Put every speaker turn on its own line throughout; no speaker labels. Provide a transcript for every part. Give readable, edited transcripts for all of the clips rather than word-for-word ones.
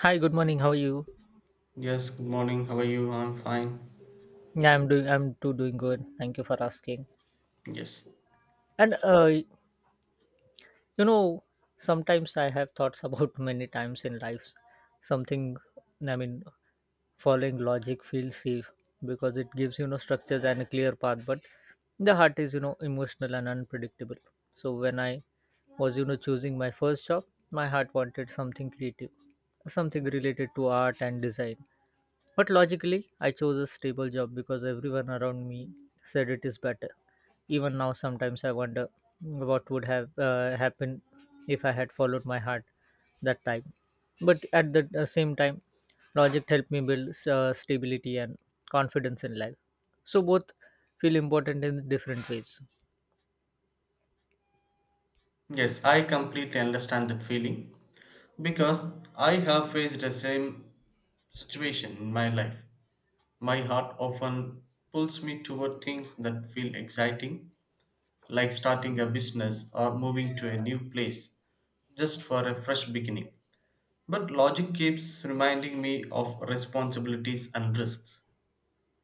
Hi, good morning. How are you?
Yes, good morning. How are you? I'm fine.
Yeah, I'm doing. I'm too doing good. Thank you for asking.
Yes.
And know, sometimes I have thoughts about many times in life, something. I mean, following logic feels safe because it gives structures and a clear path, but the heart is emotional and unpredictable. So when I was choosing my first job, my heart wanted something creative, something related to art and design, but logically I chose a stable job because everyone around me said it is better. Even now sometimes I wonder what would have happened if I had followed my heart that time, but at the same time, logic helped me build stability and confidence in life. So both feel important in different ways.
Yes, I completely understand that feeling because I have faced the same situation in my life. My heart often pulls me toward things that feel exciting, like starting a business or moving to a new place just for a fresh beginning. But logic keeps reminding me of responsibilities and risks.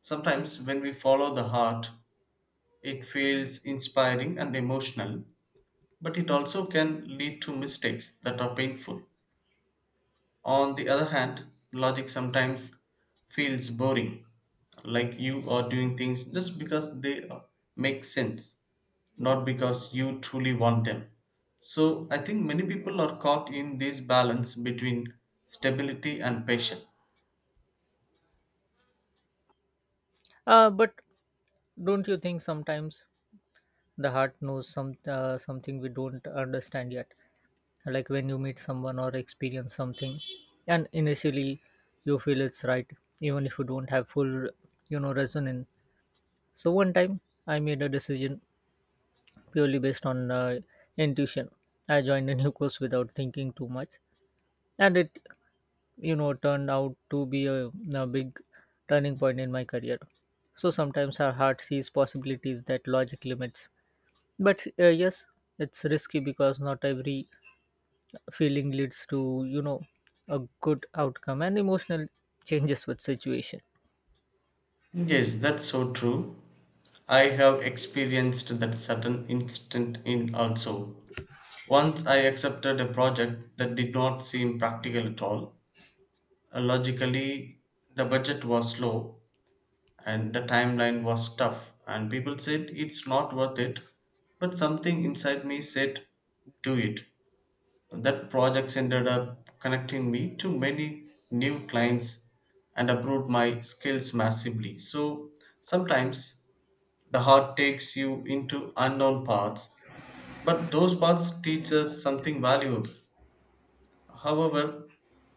Sometimes, when we follow the heart, it feels inspiring and emotional, but it also can lead to mistakes that are painful. On the other hand, logic sometimes feels boring, like you are doing things just because they make sense, not because you truly want them. So, I think many people are caught in this balance between stability and passion.
But don't you think sometimes the heart knows something we don't understand yet? Like when you meet someone or experience something, and initially you feel it's right, even if you don't have full, resonance. So one time I made a decision purely based on intuition. I joined a new course without thinking too much, and it turned out to be a big turning point in my career. So sometimes our heart sees possibilities that logic limits, but yes, it's risky because not every feeling leads to a good outcome, and emotional changes with situation.
Yes, that's so true. I have experienced that certain instant in also. Once I accepted a project that did not seem practical at all. Logically, the budget was low and the timeline was tough, and people said it's not worth it. But something inside me said, do it. That project ended up connecting me to many new clients and improved my skills massively. So sometimes the heart takes you into unknown paths, but those paths teach us something valuable. However,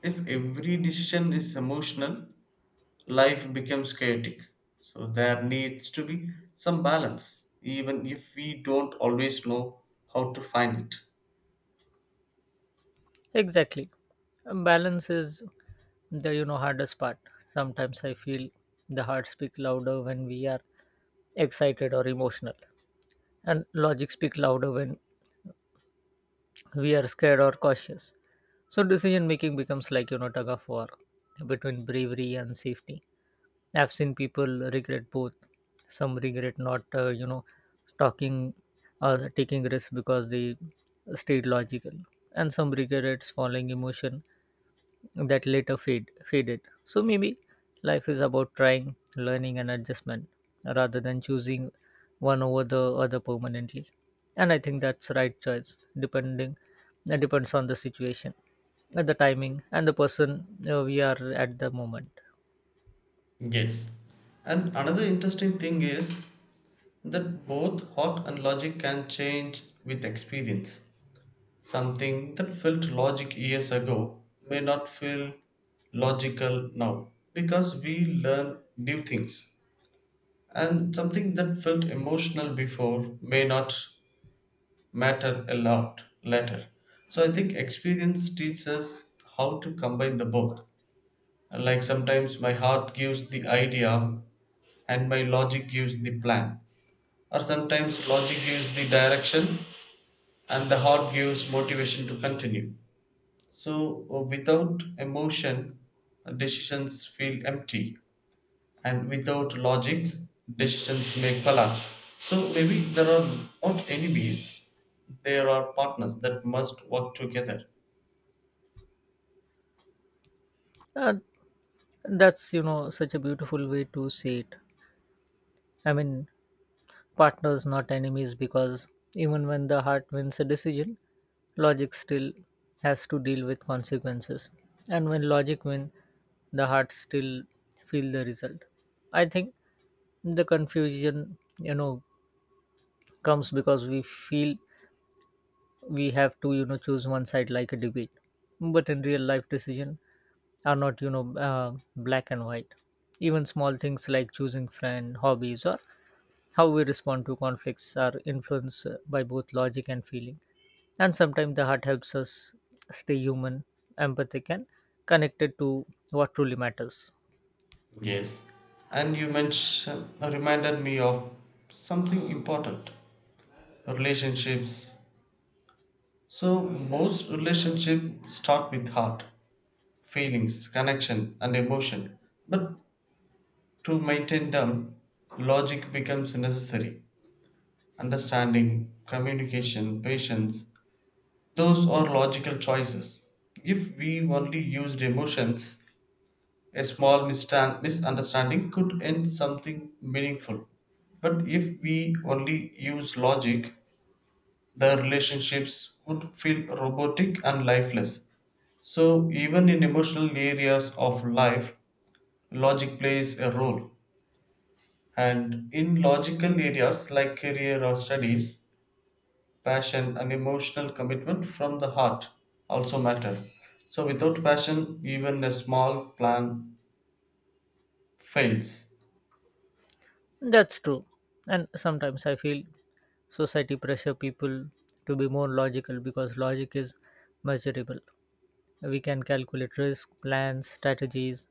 if every decision is emotional, life becomes chaotic. So there needs to be some balance, even if we don't always know how to find it.
Exactly. Balance is the hardest part. Sometimes I feel the heart speak louder when we are excited or emotional, and logic speak louder when we are scared or cautious. So decision making becomes like tug of war between bravery and safety. I've seen people regret both. Some regret not talking or taking risks because they stayed logical, and some regrets following emotion that later faded. So maybe life is about trying, learning, and adjustment rather than choosing one over the other permanently. And I think that's right choice, depending that depends on the situation, and the timing, and the person we are at the moment.
Yes. And another interesting thing is that both heart and logic can change with experience. Something that felt logic years ago may not feel logical now because we learn new things. And something that felt emotional before may not matter a lot later. So I think experience teaches us how to combine the both. Like sometimes my heart gives the idea and my logic gives the plan. Or sometimes logic gives the direction and the heart gives motivation to continue. So without emotion, decisions feel empty. And without logic, decisions may collapse. So maybe there are not enemies, there are partners that must work together.
Uh, that's such a beautiful way to say it. I mean, partners, not enemies, because even when the heart wins a decision, logic still has to deal with consequences. And when logic wins, the heart still feel the result. I think the confusion, comes because we feel we have to choose one side like a debate, but in real life decision are not black and white. Even small things like choosing friend hobbies, or how we respond to conflicts, are influenced by both logic and feeling. And sometimes the heart helps us stay human, empathic, and connected to what truly matters.
Yes. And you mentioned reminded me of something important: relationships. So most relationships start with heart, feelings, connection and emotion. But to maintain them, logic becomes necessary: understanding, communication, patience. Those are logical choices. If we only used emotions, a small misunderstanding could end something meaningful. But if we only use logic, the relationships would feel robotic and lifeless. So, even in emotional areas of life, logic plays a role. And in logical areas like career or studies, passion and emotional commitment from the heart also matter. So, without passion, even a small plan fails.
That's true. And sometimes I feel society pressure people to be more logical because logic is measurable. We can calculate risk, plans, strategies,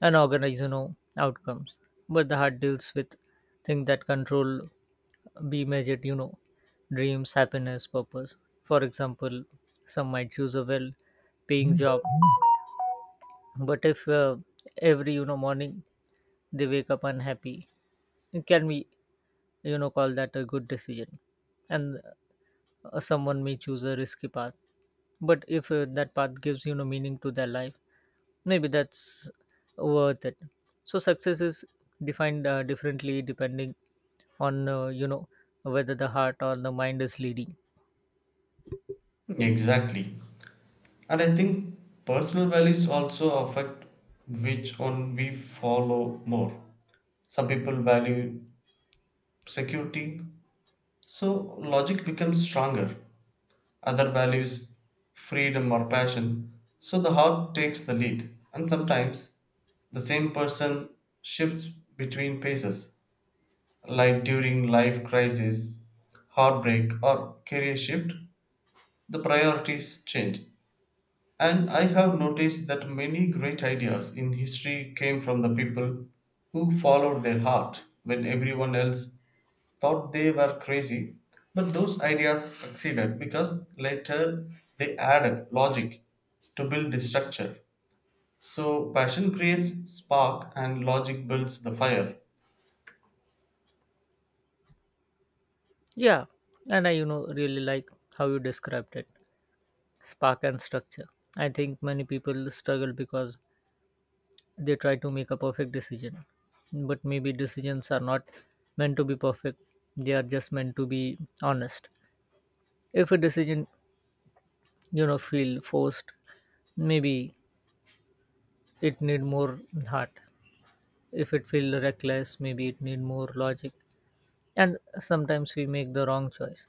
and organize, outcomes. But the heart deals with things that control be measured, dreams, happiness, purpose. For example, some might choose a well paying job, but if every morning they wake up unhappy, can we call that a good decision? And someone may choose a risky path, but if that path gives meaning to their life, maybe that's worth it. So success is defined differently depending on whether the heart or the mind is leading.
Exactly. And I think personal values also affect which one we follow more. Some people value security, so logic becomes stronger. Other values freedom or passion, so the heart takes the lead. And sometimes the same person shifts between paces. Like during life crisis, heartbreak, or career shift, the priorities change. And I have noticed that many great ideas in history came from the people who followed their heart when everyone else thought they were crazy. But those ideas succeeded because later they added logic to build the structure. So passion creates spark and logic builds the fire.
Yeah, and I really like how you described it, spark and structure. I think many people struggle because they try to make a perfect decision. But maybe decisions are not meant to be perfect. They are just meant to be honest. If a decision, feel forced, maybe it need more heart. If it feel reckless, maybe it need more logic. And sometimes we make the wrong choice.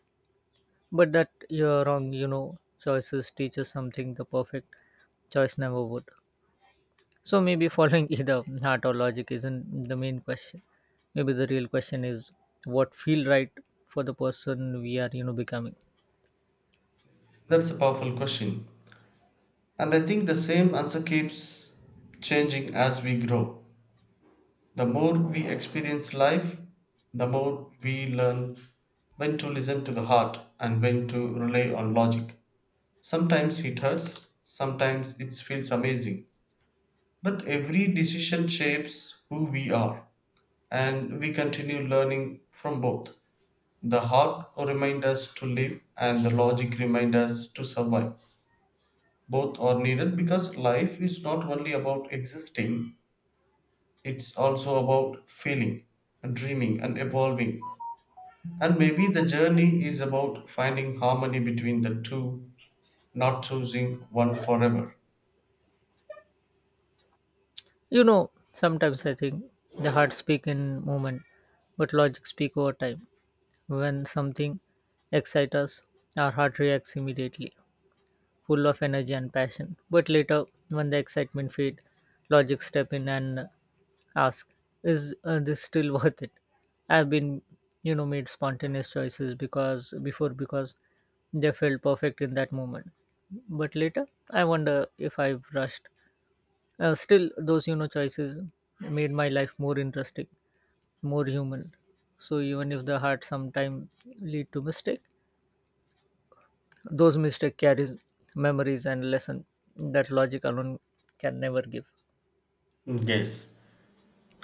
But that your wrong, choices teach us something the perfect choice never would. So maybe following either heart or logic isn't the main question. Maybe the real question is what feel right for the person we are, becoming.
That's a powerful question. And I think the same answer keeps changing as we grow. The more we experience life, the more we learn when to listen to the heart and when to rely on logic. Sometimes it hurts, sometimes it feels amazing. But every decision shapes who we are, and we continue learning from both. The heart reminds us to live, and the logic reminds us to survive. Both are needed because life is not only about existing, it's also about feeling, and dreaming, and evolving. And maybe the journey is about finding harmony between the two, not choosing one forever.
Sometimes I think the heart speak in moment, but logic speak over time. When something excites us, our heart reacts immediately, full of energy and passion. But later, when the excitement fades, logic step in and ask, is this still worth it? I've been made spontaneous choices because they felt perfect in that moment, but later I wonder if I've rushed. Still, those choices made my life more interesting, more human. So even if the heart sometimes lead to mistake, those mistake carries memories and lesson that logic alone can never give.
Yes,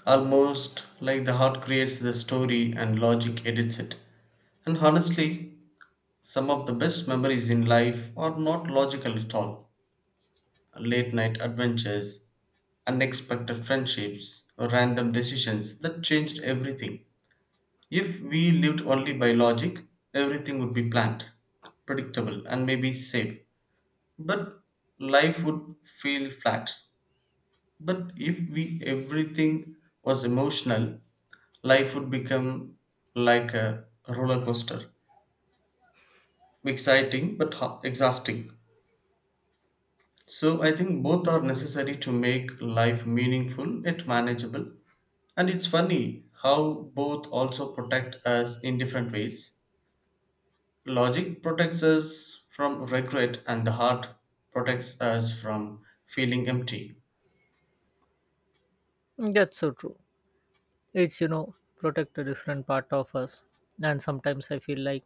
almost like the heart creates the story and logic edits it. And honestly, some of the best memories in life are not logical at all. Late night adventures, unexpected friendships, or random decisions that changed everything. If we lived only by logic, everything would be planned, predictable, and maybe safe. But life would feel flat. But if we everything was emotional, life would become like a roller coaster, exciting but exhausting. So I think both are necessary to make life meaningful yet manageable. And it's funny how both also protect us in different ways. Logic protects us from regret, and the heart protects us from feeling empty.
That's so true. It's protect a different part of us, and sometimes I feel like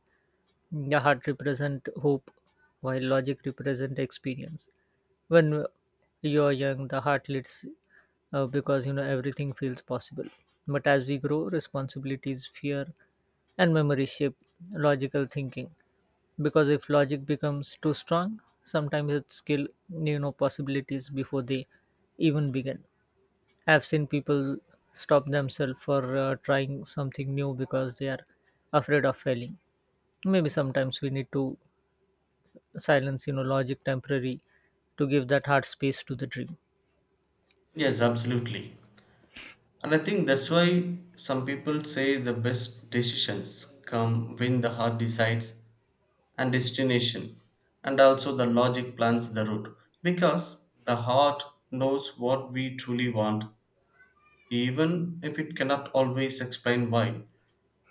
the heart represent hope, while logic represent experience. When you're young, the heart leads, because everything feels possible. But as we grow, responsibilities, fear, and memory shape logical thinking. Because if logic becomes too strong, sometimes it skill possibilities before they even begin. I've seen people stop themselves for trying something new because they are afraid of failing. Maybe sometimes we need to silence logic temporary to give that hard space to the dream.
Yes, absolutely. And I think that's why some people say the best decisions come when the heart decides and destination, and also the logic plans the route, because the heart knows what we truly want, even if it cannot always explain why.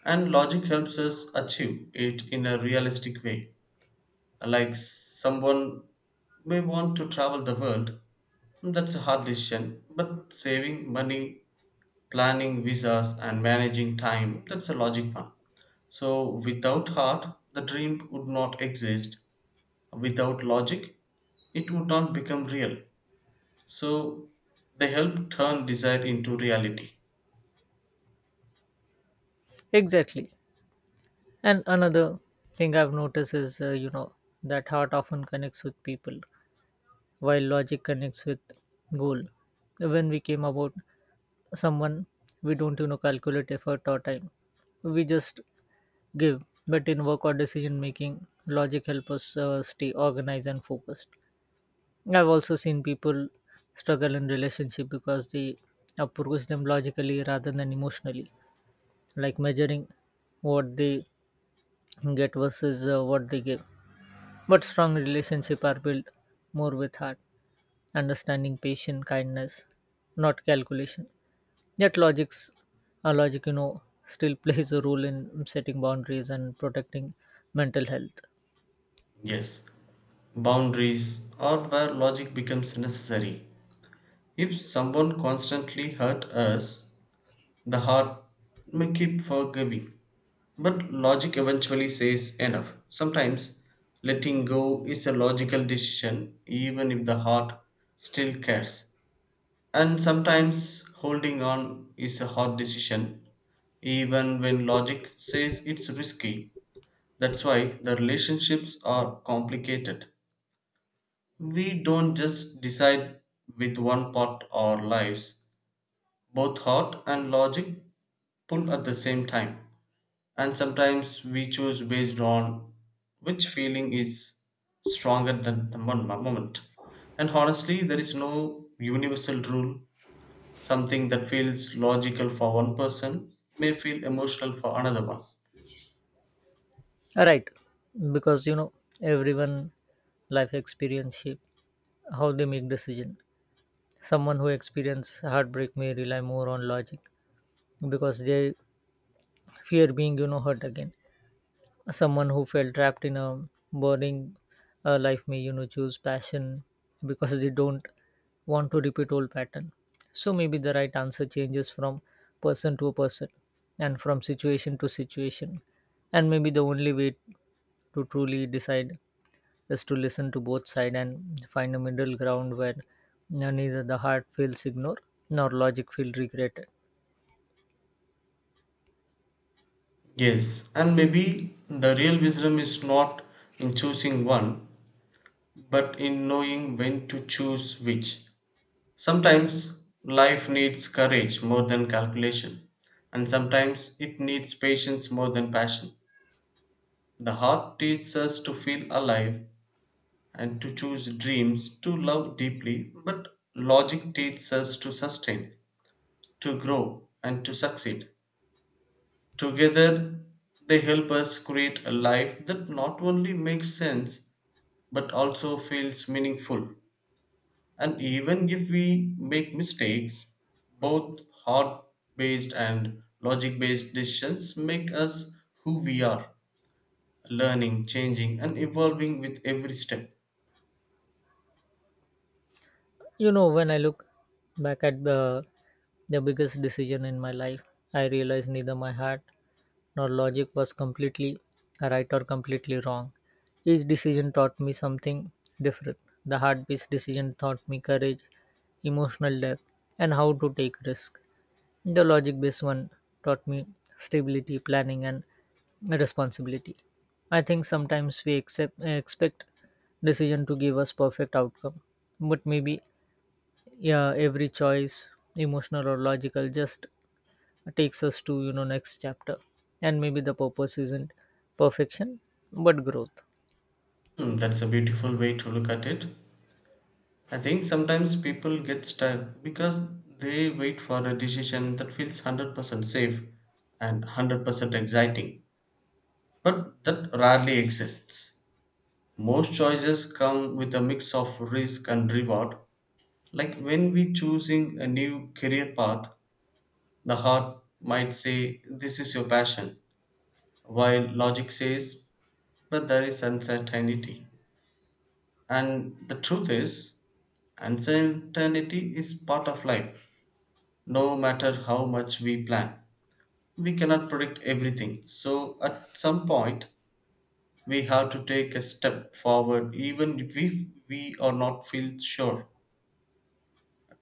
And logic helps us achieve it in a realistic way. Like someone may want to travel the world, that's a hard decision, but saving money, planning visas, and managing time, that's a logic one. So, without heart, the dream would not exist. Without logic, it would not become real. So, they help turn desire into reality.
Exactly. And another thing I've noticed is that heart often connects with people, while logic connects with goal. When we came about someone, we don't calculate effort or time. We just give, but in work or decision making, logic helps us stay organized and focused. I've also seen people struggle in relationship because they approach them logically rather than emotionally, like measuring what they get versus what they give. But strong relationships are built more with heart, understanding, patience, kindness, not calculation. Yet logic still plays a role in setting boundaries and protecting mental health.
Yes, boundaries are where logic becomes necessary. If someone constantly hurt us, the heart may keep forgiving, but logic eventually says enough. Sometimes letting go is a logical decision, even if the heart still cares. And sometimes holding on is a hard decision, even when logic says it's risky. That's why the relationships are complicated. We don't just decide with one part our lives, both heart and logic pull at the same time, and sometimes we choose based on which feeling is stronger than the moment. And honestly there is no universal rule. Something that feels logical for one person may feel emotional for another one.
Right. Because everyone life experience shape how they make decision. Someone who experience heartbreak may rely more on logic because they fear being hurt again. Someone who felt trapped in a boring life may choose passion because they don't want to repeat old pattern. So maybe the right answer changes from person to person, and from situation to situation. And maybe the only way to truly decide is to listen to both sides and find a middle ground where neither the heart feels ignored nor logic feels regretted.
Yes, and maybe the real wisdom is not in choosing one but in knowing when to choose which. Sometimes life needs courage more than calculation, and sometimes it needs patience more than passion. The heart teaches us to feel alive and to choose dreams, to love deeply, but logic teaches us to sustain, to grow, and to succeed. Together, they help us create a life that not only makes sense but also feels meaningful. And even if we make mistakes, both heart based and logic based decisions make us who we are, learning, changing, and evolving with every step.
When I look back at the biggest decision in my life, I realize neither my heart nor logic was completely right or completely wrong. Each decision taught me something different. The heart based decision taught me courage, emotional depth, and how to take risk. The logic based one taught me stability, planning, and responsibility. I think sometimes we expect decision to give us perfect outcome, but maybe yeah every choice, emotional or logical, just takes us to next chapter. And maybe the purpose isn't perfection but growth.
Hmm, that's a beautiful way to look at it. I think sometimes people get stuck because they wait for a decision that feels 100% safe and 100% exciting, but that rarely exists. Most choices come with a mix of risk and reward. Like when we choosing a new career path, the heart might say this is your passion, while logic says but there is uncertainty. And the truth is uncertainty is part of life, no matter how much we plan. We cannot predict everything, so at some point we have to take a step forward even if we are not feel sure.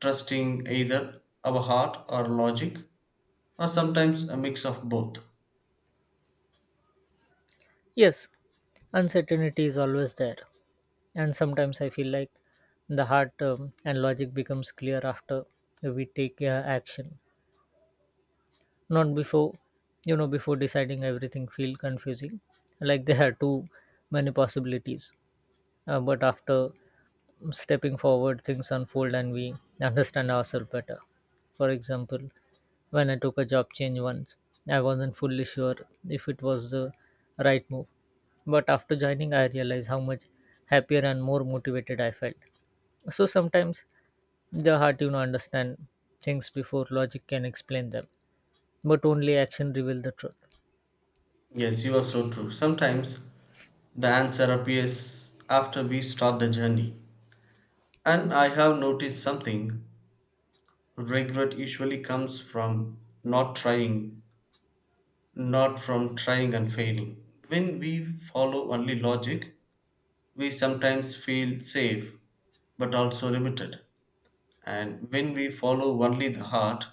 Trusting either our heart or logic, or sometimes a mix of both.
Yes, uncertainty is always there. And sometimes I feel like the heart and logic becomes clear after we take action, not before. Before deciding, everything feel confusing, like there are too many possibilities. But after stepping forward, things unfold and we understand ourselves better. For example, when I took a job change once, I wasn't fully sure if it was the right move. But after joining, I realized how much happier and more motivated I felt. So sometimes the heart, understand things before logic can explain them, but only action reveals the truth.
Yes, you are so true. Sometimes the answer appears after we start the journey. And I have noticed something: regret usually comes from not trying, not from trying and failing. When we follow only logic, we sometimes feel safe but also limited. And when we follow only the heart,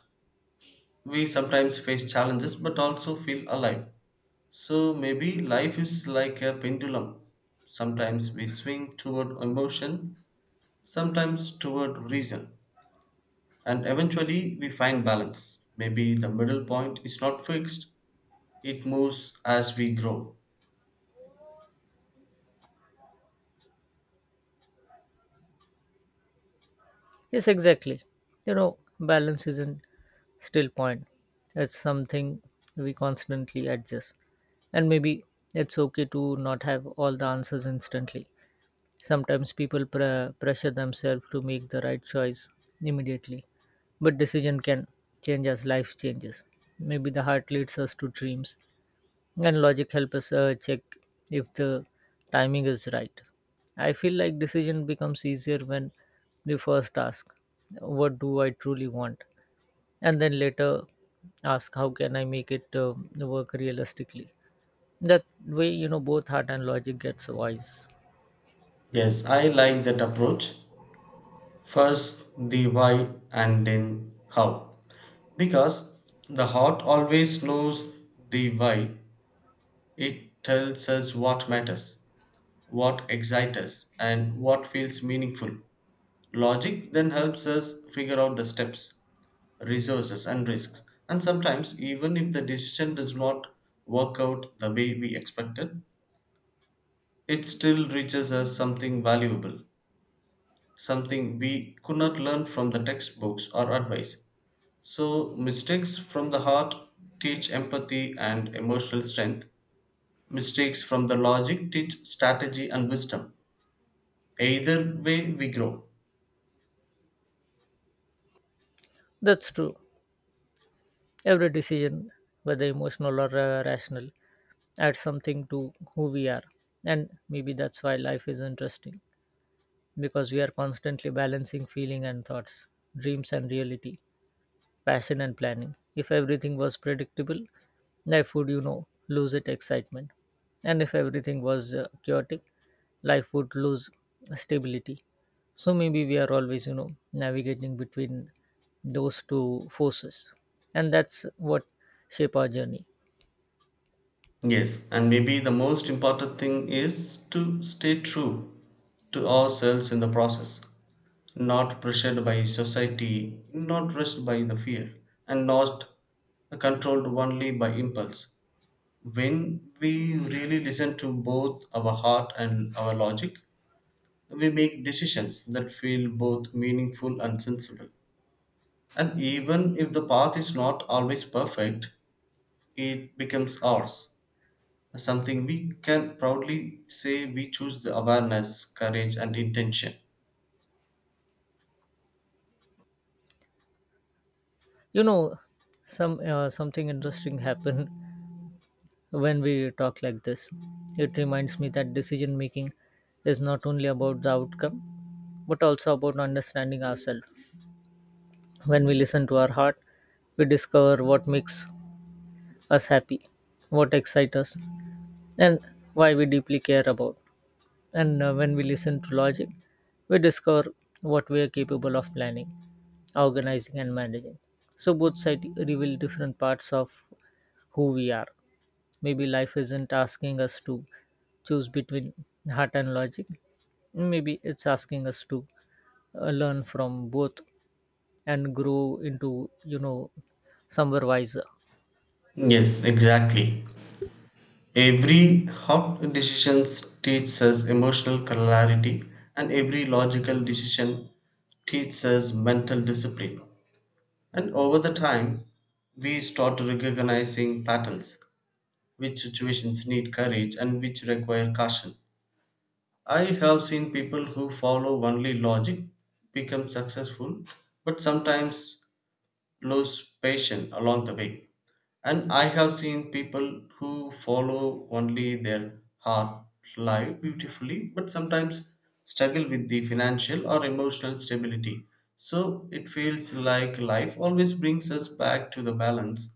we sometimes face challenges but also feel alive. So maybe life is like a pendulum. Sometimes we swing toward emotion, sometimes toward reason, and eventually we find balance. Maybe the middle point is not fixed, it moves as we grow.
Yes, exactly. Balance isn't still point. It's something we constantly adjust. And maybe it's okay to not have all the answers instantly. Sometimes people pressure themselves to make the right choice immediately, but decision can change as life changes. Maybe the heart leads us to dreams, and logic help us check if the timing is right. I feel like decision becomes easier when the first ask, what do I truly want, and then later ask, how can I make it work realistically? That way, both heart and logic gets wise.
Yes, I like that approach. First the why and then how. Because the heart always knows the why. It tells us what matters, what excites us, and what feels meaningful. Logic then helps us figure out the steps, resources, and risks. And sometimes, even if the decision does not work out the way we expected, it still reaches us something valuable, something we could not learn from the textbooks or advice. So, mistakes from the heart teach empathy and emotional strength, mistakes from the logic teach strategy and wisdom. Either way, we grow.
That's true. Every decision, whether emotional or rational, adds something to who we are. And maybe that's why life is interesting, because we are constantly balancing feeling and thoughts, dreams and reality, passion and planning. If everything was predictable, life would, lose its excitement. And if everything was chaotic, life would lose stability. So maybe we are always, navigating between those two forces. And that's what shape our journey.
Yes, and maybe the most important thing is to stay true to ourselves in the process, not pressured by society, not rushed by the fear, and not controlled only by impulse. When we really listen to both our heart and our logic, we make decisions that feel both meaningful and sensible. And even if the path is not always perfect, it becomes ours, something we can proudly say we choose the awareness, courage, and intention.
You know, something interesting happened when we talk like this. It reminds me that decision making is not only about the outcome but also about understanding ourselves. When we listen to our heart, we discover what makes us happy, what excites us, and why we deeply care about. And when we listen to logic, we discover what we are capable of planning, organizing, and managing. So both sides reveal different parts of who we are. Maybe life isn't asking us to choose between heart and logic. Maybe it's asking us to learn from both and grow into, somewhere wiser.
Yes, exactly. Every hot decisions teaches us emotional clarity, and every logical decision teaches us mental discipline. And over the time, we start recognizing patterns, which situations need courage and which require caution. I have seen people who follow only logic become successful, but sometimes lose patience along the way. And I have seen people who follow only their heart live beautifully, but sometimes struggle with the financial or emotional stability. So it feels like life always brings us back to the balance.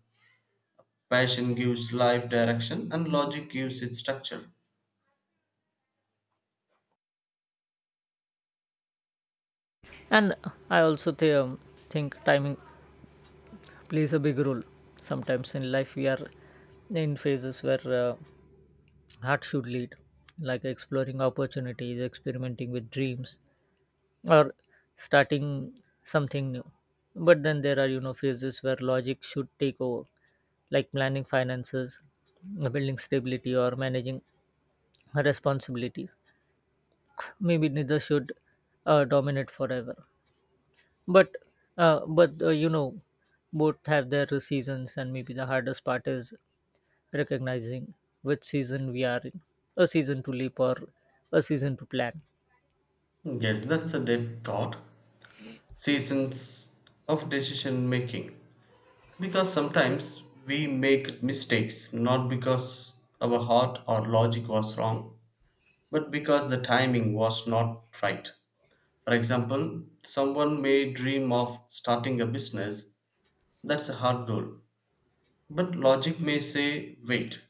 Passion gives life direction, and logic gives it structure.
And I also think timing plays a big role. Sometimes in life, we are in phases where heart should lead, like exploring opportunities, experimenting with dreams, or starting something new. But then there are, phases where logic should take over, like planning finances, building stability, or managing responsibilities. Maybe neither should dominate forever. But, but both have their seasons, and maybe the hardest part is recognizing which season we are in, a season to leap or a season to plan.
Yes, that's a deep thought. Seasons of decision making. Because sometimes we make mistakes not because our heart or logic was wrong, but because the timing was not right. For example, someone may dream of starting a business, that's a hard goal. But logic may say, wait,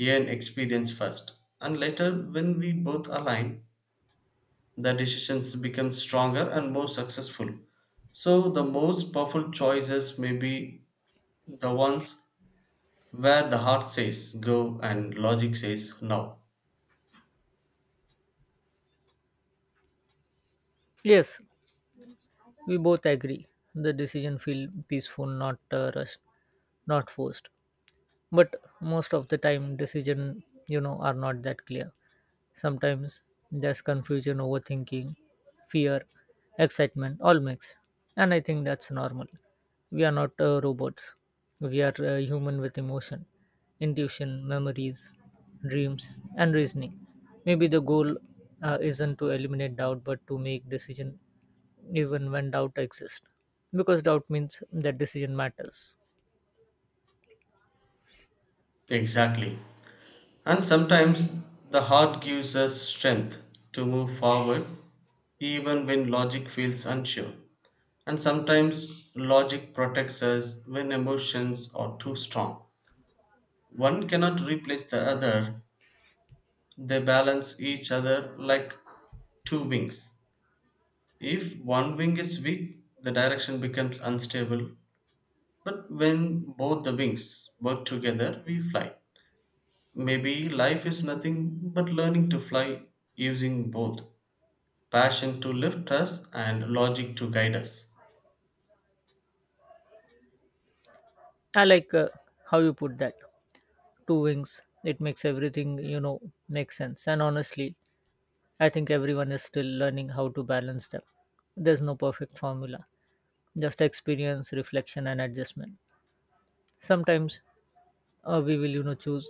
earn experience first. And later, when we both align, the decisions become stronger and more successful. So, the most powerful choices may be the ones where the heart says go and logic says no.
Yes, we both agree. The decision feel peaceful, not rushed, not forced. But most of the time, decision are not that clear. Sometimes there's confusion, overthinking, fear, excitement, all mix, and I think that's normal. We are not robots. We are human with emotion, intuition, memories, dreams, and reasoning. Maybe the goal isn't to eliminate doubt, but to make decision even when doubt exists, because doubt means that decision matters.
Exactly. And sometimes the heart gives us strength to move forward even when logic feels unsure. And sometimes logic protects us when emotions are too strong. One cannot replace the other, they balance each other like two wings. If one wing is weak, the direction becomes unstable. But when both the wings work together, we fly. Maybe life is nothing but learning to fly using both. Passion to lift us and logic to guide us.
I like how you put that, two wings. It makes everything make sense. And honestly, I think everyone is still learning how to balance them. There's no perfect formula, just experience, reflection, and adjustment. Sometimes we will choose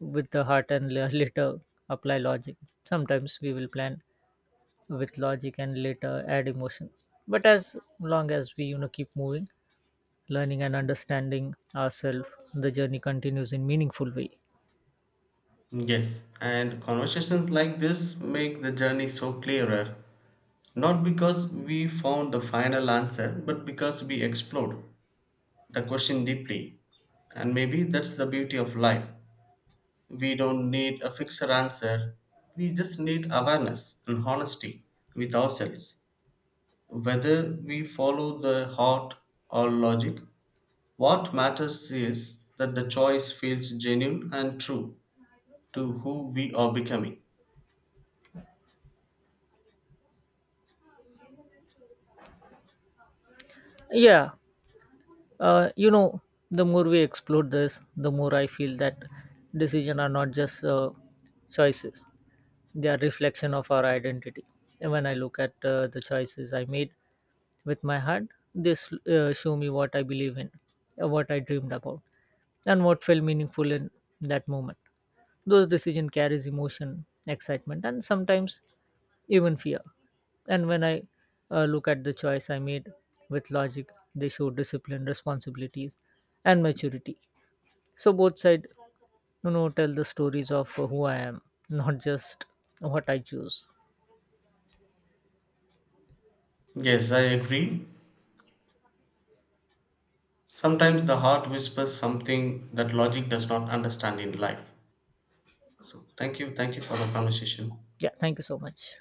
with the heart and later apply logic. Sometimes we will plan with logic and later add emotion. But as long as we keep moving, learning, and understanding ourselves, the journey continues in meaningful way.
Yes, and conversations like this make the journey so clearer, not because we found the final answer, but because we explored the question deeply. And maybe that's the beauty of life. We don't need a fixed answer, we just need awareness and honesty with ourselves. Whether we follow the heart or logic, what matters is that the choice feels genuine and true to who we are becoming.
Yeah, uh, you know the more we explore this, the more I feel that decisions are not just choices, they are reflection of our identity. And when I look at the choices I made with my heart, this show me what I believe in, what I dreamed about, and what felt meaningful in that moment. Those decision carries emotion, excitement, and sometimes even fear. And when I look at the choice I made with logic, they show discipline, responsibilities, and maturity. So both sides, tell the stories of who I am, not just what I choose.
Yes, I agree. Sometimes the heart whispers something that logic does not understand in life. So, thank you. Thank you for the conversation.
Yeah, thank you so much.